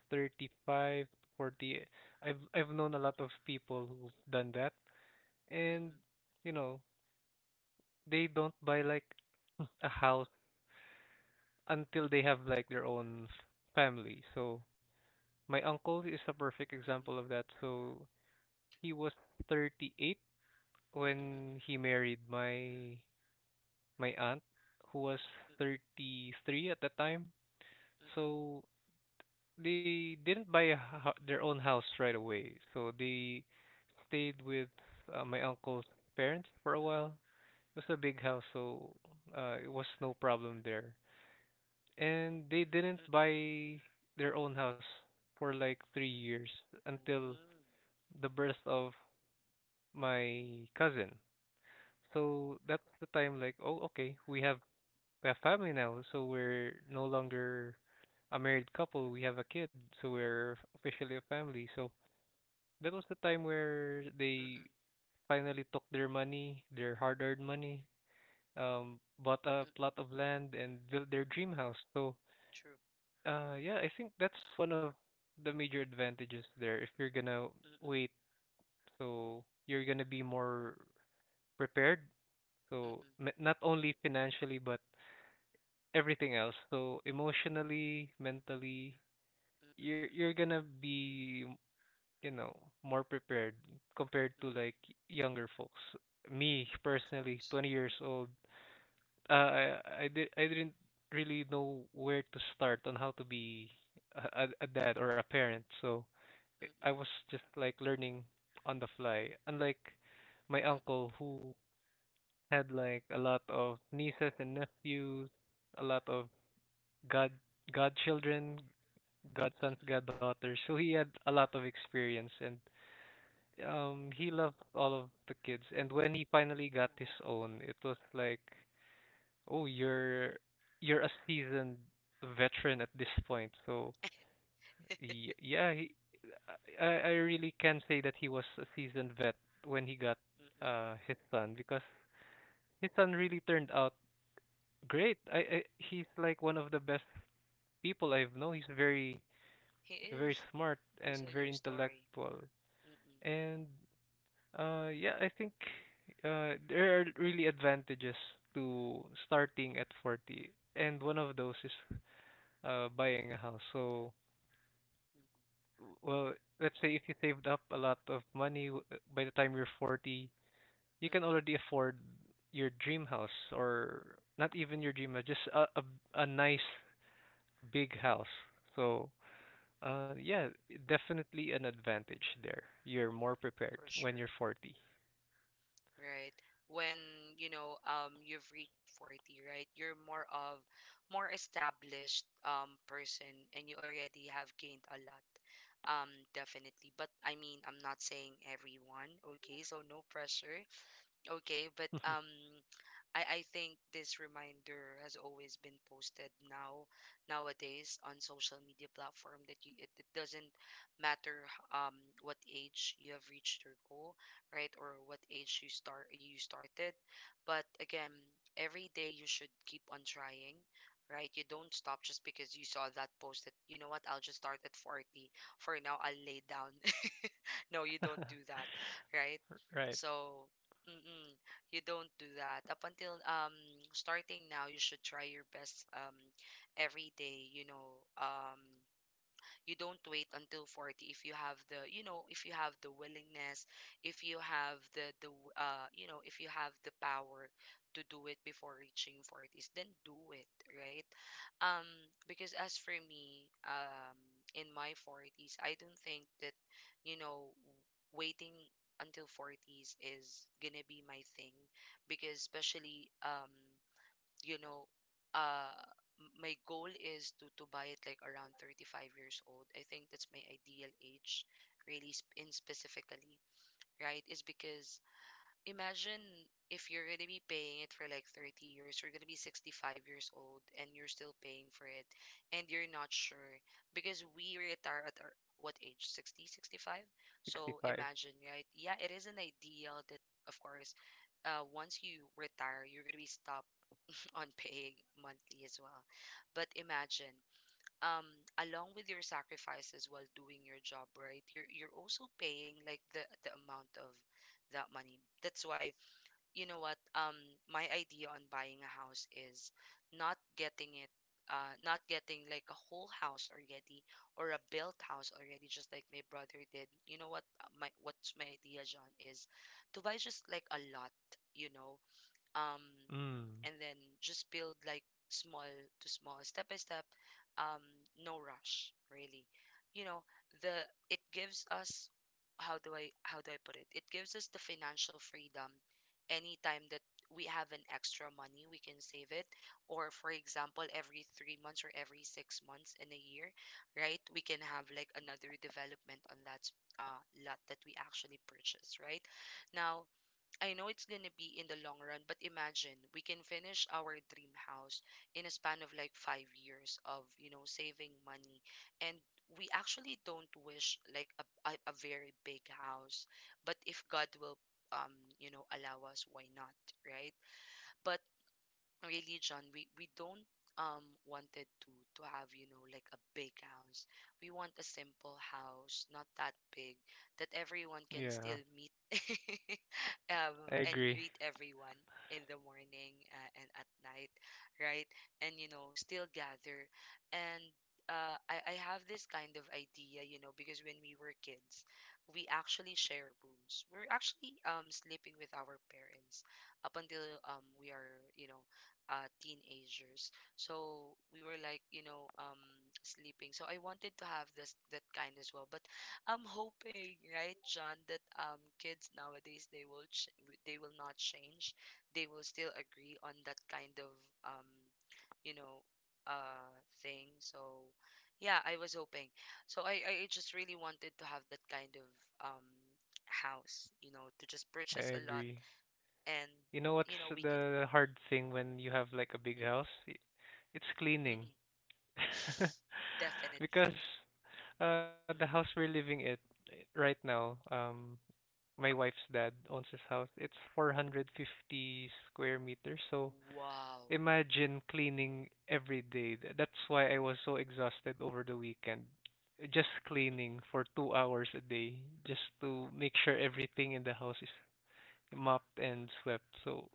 S2: 35 40. I've known a lot of people who've done that
S1: mm-mm,
S2: and
S1: mm-mm,
S2: you know they don't buy like a house until they have like their own family. So my uncle is a perfect
S1: mm-mm,
S2: example of that. So he was 38
S1: mm-mm, mm-mm,
S2: when
S1: mm-mm,
S2: he married my aunt who was
S1: mm-mm,
S2: 33 at the time. So they didn't buy their own house right away, so they stayed with my uncle's parents for a while. It was a big house, so it was no problem there. And they didn't
S1: mm-mm.
S2: buy their own house for like 3 years until the birth of my cousin. So that's the time, like, oh, okay, we have family now, so we're no longer a married couple. We have a kid, so we're officially a family. So that was the time where
S1: Mm,
S2: they
S1: mm-mm,
S2: finally took their money, their hard-earned money, bought a
S1: mm-mm,
S2: plot of land and built their dream house. So,
S1: true.
S2: yeah, I think that's one of the major advantages there. If you're gonna
S1: Mm-mm,
S2: wait, so you're gonna be more prepared. So
S1: mm-mm,
S2: not only financially, but everything else. So emotionally, mentally,
S1: mm-mm,
S2: you're gonna be, you know, more prepared compared to
S1: mm-mm,
S2: like younger folks. Me
S1: of
S2: personally,
S1: course.
S2: 20 years old, uh, I I didn't really know where to start on how to be a dad or a parent. So I
S1: Mm-mm,
S2: was just like learning on the fly. Unlike my
S1: mm-mm,
S2: uncle who had like a lot of nieces and nephews, a lot of god godchildren, godsons,
S1: mm-mm,
S2: goddaughters. So he had a lot of experience, and he
S1: mm-mm.
S2: loved all of the kids, and when he finally got
S1: Aw,
S2: his
S1: mm.
S2: own, it was like, oh, you're a seasoned veteran at this point. So yeah, I really can say that he was a seasoned vet when he got
S1: Mm-mm.
S2: his son, because his son really turned out great. I He's like one of the best people I've known. He's very
S1: He
S2: very
S1: is,
S2: smart and
S1: based
S2: very
S1: on your story.
S2: intellectual.
S1: Mm-mm,
S2: And yeah, I think there are really advantages to starting at 40, and one of those is buying a house. So,
S1: mm-mm,
S2: well, let's say if you saved up a lot of money by the time you're 40, you can
S1: mm-mm,
S2: already afford your dream house, or not even your dream house, just a nice big house. So,
S1: mm-mm,
S2: yeah, definitely an advantage there. You're more prepared
S1: for
S2: when you're
S1: sure.
S2: 40.
S1: Right? When, you know, you've reached 40, right? You're more of, more established person, and you already have gained a lot. Definitely. But I mean, I'm not saying everyone, okay? So no pressure, okay? But I think this reminder has always been posted now, nowadays, on social media platform, that you, it doesn't matter um what age you have reached your goal, right? Or what age you start you started. But again, every day you should keep on trying, right? You don't stop just because you saw that post that, you know what, I'll just start at 40. For now, I'll lay down. No, you don't do that, right?
S2: Right,
S1: So, mm-mm, you don't do that. Up until starting now, you should try your best every day, you know, you don't wait until 40 if you have the, you know, if you have the willingness, if you have the you know, if you have the power to do it before reaching 40s, then do it, right? um because as for me, in my 40s, I don't think that, you know, waiting until 40s is gonna be my thing, because especially, you know, uh, my goal is to buy it like around 35 years old. I think that's my ideal age, really, sp- in specifically, right? Is because imagine, if you're gonna be paying it for like 30 years, you're gonna be 65 years old, and you're still paying for it, and you're not sure, because we retire at our, what age? 60 65. So
S2: 65.
S1: imagine, right? Yeah, it is an ideal that, of course, once you retire, you're gonna be stop on paying monthly as well. But imagine, um, along with your sacrifices while doing your job, right? You're also paying like the amount of that money. That's why, you know what, my idea on buying a house is not getting it, not getting like a whole house already, or a built house already, just like my brother did. You know what? My, what's my idea, John, is to buy just like a lot, you know, um
S2: Mm.
S1: and then just build like small to small step by step, um no rush, really, you know. The It gives us, how do I, how do I put it, it gives us the financial freedom. Anytime that we have an extra money, we can save it, or for example, every 3 months or every 6 months in a year, right, we can have like another development on that uh lot that we actually purchase right now. I know it's gonna be in the long run, but imagine, we can finish our dream house in a span of like 5 years of, you know, saving money. And we actually don't wish like a very big house, but if God will, um, you know, allow us, why not, right? But really, John, we don't wanted to have, you know, like a big house. We want a simple house, not that big, that everyone can still
S2: Yeah,
S1: meet
S2: I
S1: and
S2: agree.
S1: greet everyone in the morning and at night, right? And you know, still gather. And I have this kind of idea, you know, because when we were kids, we actually share rooms. We're actually sleeping with our parents up until we are, you know, teenagers. So we were like, you know, sleeping. So I wanted to have this that kind as well, but I'm hoping, right, John, that kids nowadays they will not change. They will still agree on that kind of um you know uh thing. So yeah, I was hoping. So I just really wanted to have that kind of um house, you know, to just
S2: I
S1: purchase a lot
S2: agree.
S1: and
S2: You know what's
S1: you know we could.
S2: the
S1: mm,
S2: hard thing when you have like a big
S1: mm,
S2: house? It's
S1: mm, mm,
S2: cleaning.
S1: mm.
S2: Because
S1: Definitely.
S2: the house
S1: Mm, mm.
S2: we're living it, right now, my wife's dad owns his house. It's 450 square meters. So
S1: Wow.
S2: imagine cleaning every day. That's why I was so exhausted over the weekend. Just
S1: Mm, mm,
S2: cleaning for 2 hours a day just to make sure everything in the house is mopped and swept. So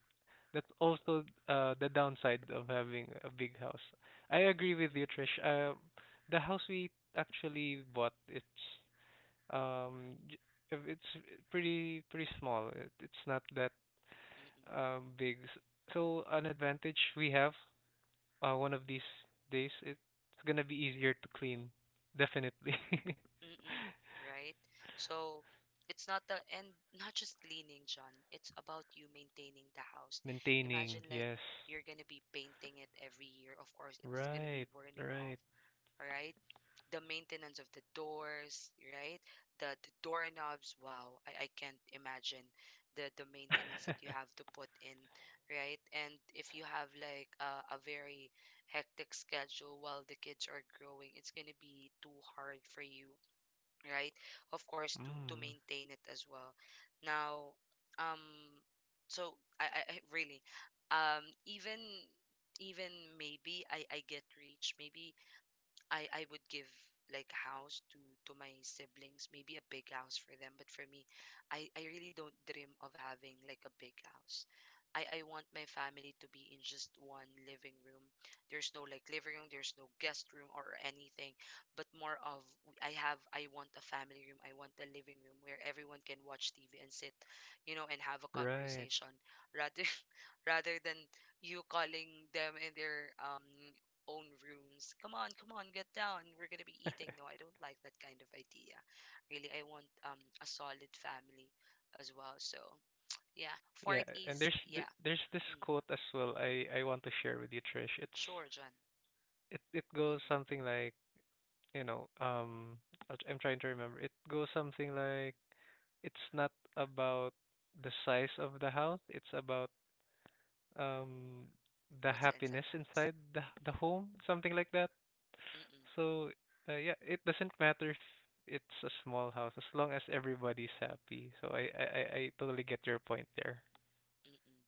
S2: that's also the downside of having a big house. I agree with
S1: mm,
S2: you,
S1: mm,
S2: Trish. The house we actually bought, it's um, j- it's pretty small. It's not that
S1: mm, mm.
S2: big. So an advantage we have, one of these days, it's gonna be easier to clean, definitely.
S1: Mm-mm, right? So it's not a and not just cleaning, John. It's about you maintaining the house. Imagine
S2: Maintaining,
S1: like
S2: yes.
S1: you're gonna be painting it every year. Of course, it's gonna
S2: Right,
S1: be burning
S2: right.
S1: off, right? The maintenance of the doors, right? The doorknobs. Wow, I can't imagine the maintenance that you have to put in, right? And if you have like a very hectic schedule while the kids are growing, it's gonna be too hard for you, right? Of course, to
S2: mm,
S1: maintain it as well. Now, um, really, um, even even maybe I get reached, maybe I would give like a house to my siblings, maybe a big house for them. But for me, I really don't dream of having like a big house. I want my family to be in just one living room. There's no like living room, there's no guest room or anything, but more of I want a family room, I want a living room where everyone can watch TV and sit, you know, and have a
S2: right.
S1: conversation rather rather than you calling them in their own rooms. Come on, come on, get down. We're gonna be eating. No, I don't like that kind of idea. Really, I want a solid family as well. So yeah,
S2: Yeah, and
S1: forties.
S2: there's
S1: Yeah.
S2: there's this
S1: mm,
S2: quote as well I want to share with you, Trish.
S1: sure, John.
S2: It goes
S1: Mm-mm.
S2: something like, you know, um I'm trying to remember. It goes something like, it's not about the size of the house, it's about um the
S1: What's inside
S2: happiness
S1: the house?
S2: inside the
S1: Mm-mm.
S2: home, something like that.
S1: Mm-mm.
S2: So, yeah, it doesn't matter if it's a small house as long as everybody's happy. So I totally get your point there.
S1: Mm-mm.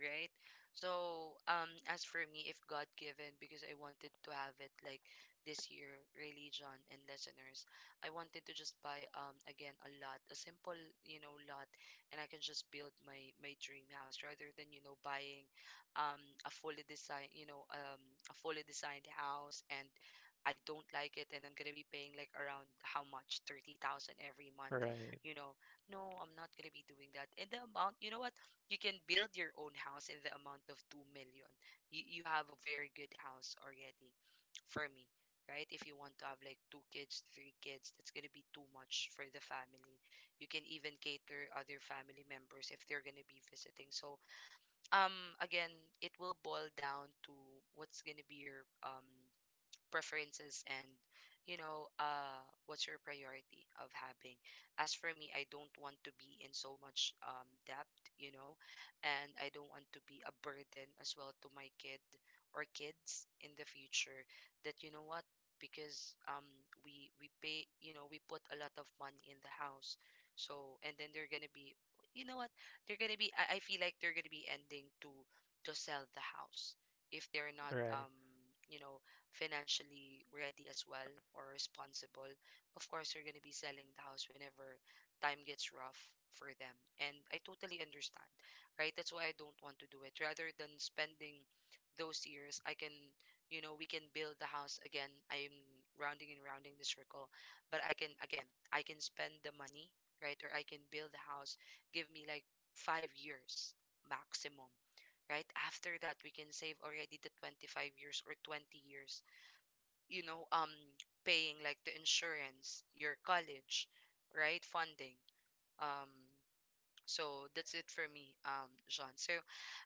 S1: Right? So, as for me, if God given, because I wanted to have it like this year, really, John and listeners, I wanted to just buy again a lot, a simple you know lot, and I can just build my my dream house rather than you know buying a fully design a fully designed house and I don't like it and I'm gonna be paying like around how much 30,000 every month,
S2: Right.
S1: you know. No, I'm not gonna be doing that. And the amount, you know what? You can build your own house in the amount of 2 million. You have a very good house already for me, right? If you want to have like two kids, three kids, that's going to be too much for the family. You can even cater other family members if they're going to be visiting. So, um again, it will boil down to what's going to be your preferences and you know what's your priority of having. As for me, I don't want to be in so much debt, you know, and I don't want to be a burden as well to my kid or kids in the future, that you know what, because we pay, you know, we put a lot of money in the house. So and then they're gonna be, you know what, they're gonna be, I feel like they're gonna be ending to sell the house if they're not
S2: Right.
S1: you know financially ready as well or responsible. Of course, you're going to be selling the house whenever time gets rough for them. And I totally understand, right? That's why I don't want to do it. Rather than spending those years, I can, you know, we can build the house again. I'm rounding and rounding the circle, but I can, again, I can spend the money, right? Or I can build the house. Give me like 5 years maximum, right? After that, we can save already the 25 years or 20 years, you know, paying like the insurance, your college, right? Funding. Um, so that's it for me, John. So,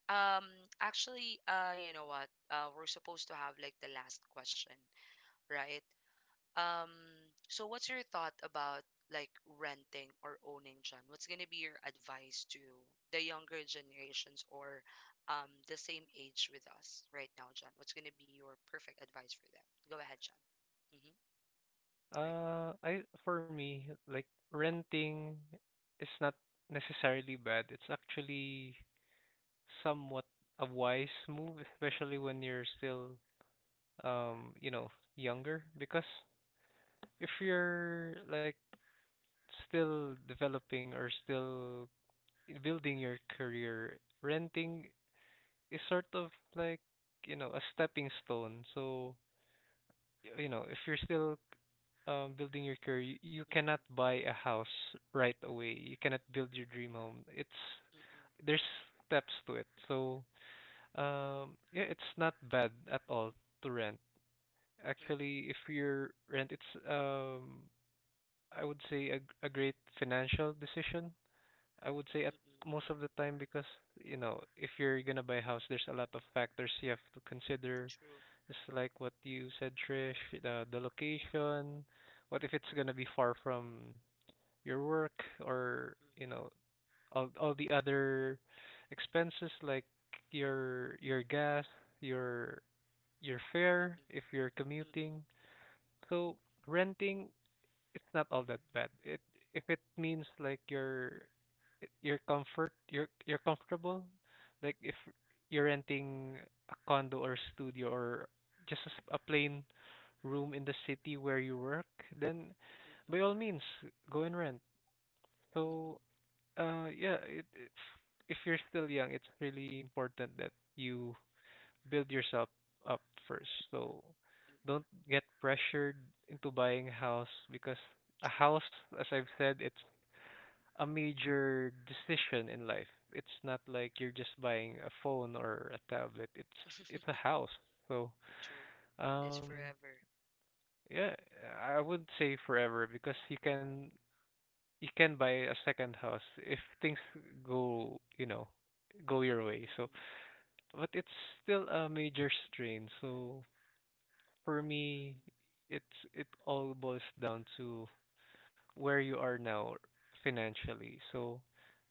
S1: um, actually, you know what? We're supposed to have like the last question, right? Um, so what's your thought about like renting or owning, John? What's gonna be your advice to the younger generations or the same age with us right now, John? What's gonna be your perfect advice for them? Go ahead, John. Mm-hmm. Right.
S2: I for me, like, renting is not necessarily bad. It's actually somewhat a wise move,
S1: Mm-mm,
S2: especially when you're still, you know, younger, because if you're like still developing or still building your career, renting is sort of like a stepping stone. So, if you're still, building your career, you
S1: mm-mm,
S2: cannot buy a house right away. You cannot build your dream home. It's
S1: mm-mm,
S2: There's steps to it. So, yeah, it's not bad at all to rent.
S1: mm-mm,
S2: Actually, if you rent, it's, I would say, a great financial decision. I would say at
S1: mm-mm.
S2: most of the time, because if you're gonna buy a house, there's a lot of factors you have to consider.
S1: True.
S2: It's like what you said, Trish, the
S1: Mm-mm,
S2: location. What if it's gonna be far from your work, or
S1: mhm,
S2: all the other expenses like your gas, your your fare
S1: mm-mm,
S2: if you're
S1: mm-mm,
S2: commuting. So renting, it's not all that bad. It If it means like your comfort, you're comfortable. Like if you're renting a condo or studio, or just a plain room in the city where you work, then
S1: mm-mm,
S2: by all means, go and rent.
S1: mm-mm,
S2: So, yeah, it, it's if you're still young, it's really important that you build yourself up first. So
S1: mm-mm.
S2: don't get pressured into buying a house, because a
S1: True.
S2: house, as I've said, it's a major decision in life. It's not like you're just buying a phone or a tablet. It's a house. So,
S1: True. It's
S2: um,
S1: forever.
S2: yeah, I would say forever, because you can buy a second house if things go, you know, go your way. So,
S1: Mm-mm,
S2: but it's still a major strain. So for me,
S1: mm-mm,
S2: it's it all boils down to where you are now financially. So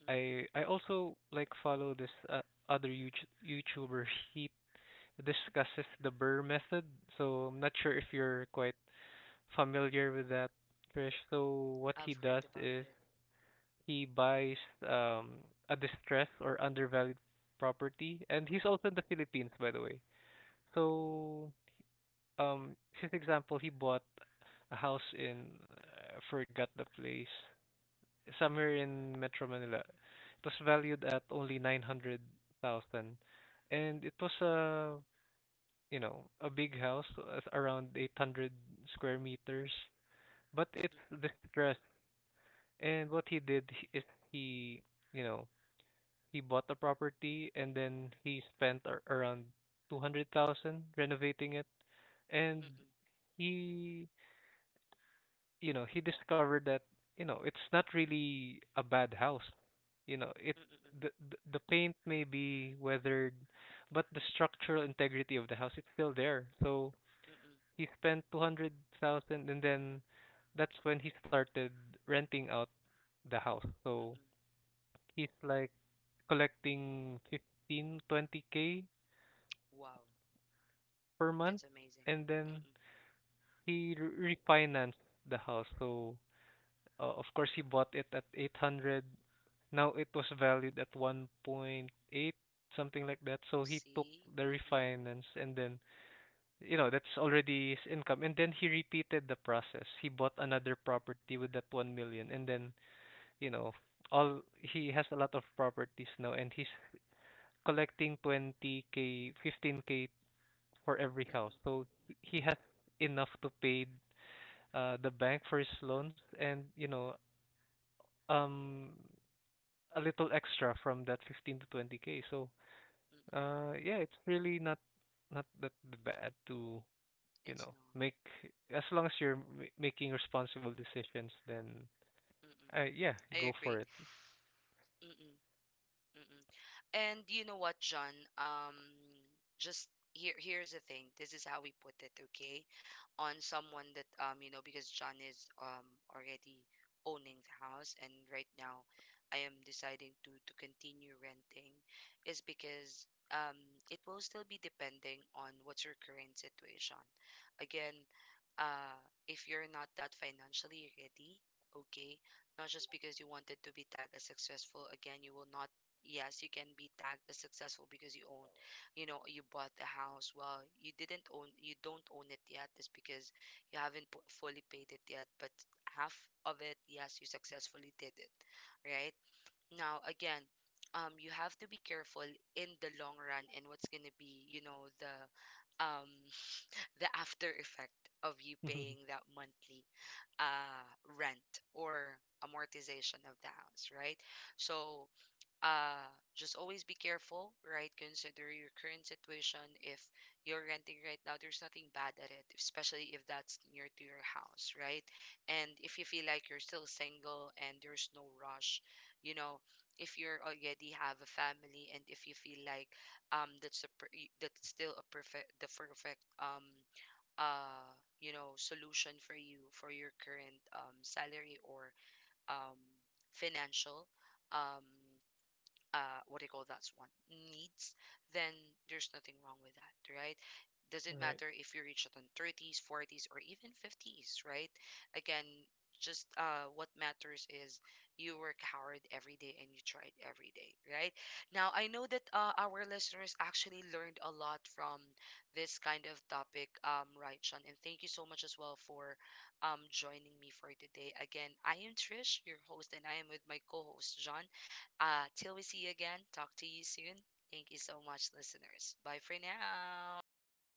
S1: mm-mm,
S2: I also like follow this, other YouTuber, he discusses the Burr method. So I'm not sure if you're quite familiar with that, Krish. So what he
S1: I've
S2: does
S1: heard about
S2: is
S1: it.
S2: He buys
S1: mm-mm.
S2: um a distressed or undervalued property, and he's also in the Philippines, by the way.
S1: Oh.
S2: So, um, his example, he bought a house in, I forgot the place, somewhere in Metro Manila. It was
S1: Mm-mm,
S2: valued
S1: mm-mm,
S2: at only 900,000, and it was, a a big house, around 800 square meters, but it's
S1: mm-mm,
S2: distressed. And what he did is, he you know He bought a property, and then he spent around 200,000 renovating it. And
S1: mm-mm,
S2: he he discovered that it's not really a bad house. You know, it
S1: mm-mm,
S2: the paint may be weathered, but the structural integrity of the house is still there. So
S1: mm-mm,
S2: he spent 200,000, and then that's when he started renting out the house. So
S1: mm-mm,
S2: he's like collecting fifteen twenty k
S1: Wow,
S2: per month,
S1: that's amazing.
S2: and then
S1: mm-mm,
S2: he refinanced the house. So, of course, he bought it at 800. Now it was valued at 1.8, something like that. So he took
S1: See.
S2: the
S1: Mm-mm,
S2: refinance, and then, that's already his income. And then he repeated the process. He bought another property with that 1 million, and then, you know all, he has a lot of properties now, and he's collecting 20k, 15k for every house.
S1: mm-mm,
S2: So he has enough to pay, the bank for his loans, and um a little extra from that 15 to 20k. So,
S1: mm-mm,
S2: yeah, it's really not that bad to you
S1: it's
S2: know
S1: not.
S2: make as long as you're making responsible decisions. Then,
S1: mm-mm,
S2: yeah, go
S1: I
S2: for
S1: agree.
S2: it.
S1: mm-mm, mm-mm. And you know what, John? Just here's the thing. This is how we put it, okay? On someone that you know, because John is already owning the house and right now I am deciding to continue renting is because it will still be depending on what's your current situation. Again, uh if you're not that financially ready, okay, not just because you wanted to be tagged as successful. Again, you will not. Yes, you can be tagged as successful because you own, you know, you bought the house. Well, you didn't own, you don't own it yet, is because you haven't pu- fully paid it yet, but half of it, yes, you successfully did it, right? Now again, you have to be careful in the long run and what's going to be, you know, the um the after effect of you
S2: All
S1: paying that monthly uh rent or amortization of the house, right? So uh just always be careful, right? Consider your current situation. If you're renting right now, there's nothing bad at it, especially if that's near to your house, right? And if you feel like you're still single and there's no rush, you know. If you're already have a family and if you feel like that's still a perfect the perfect uh you know solution for you, for your current salary or um financial um what do you call, that's one needs, then there's nothing wrong with that, right? Doesn't matter
S2: right
S1: if you reach it on 30s, 40s, or even 50s, right? Again, just what matters is you work hard every day and you tried every day, right? Now I know that our listeners actually learned a lot from this kind of topic, right, Sean, and thank you so much as well for joining me for today. Again, I am Trish, your host, and I am with my co-host John. Till we see you again, talk to you soon. Thank you so much, listeners. Bye for now.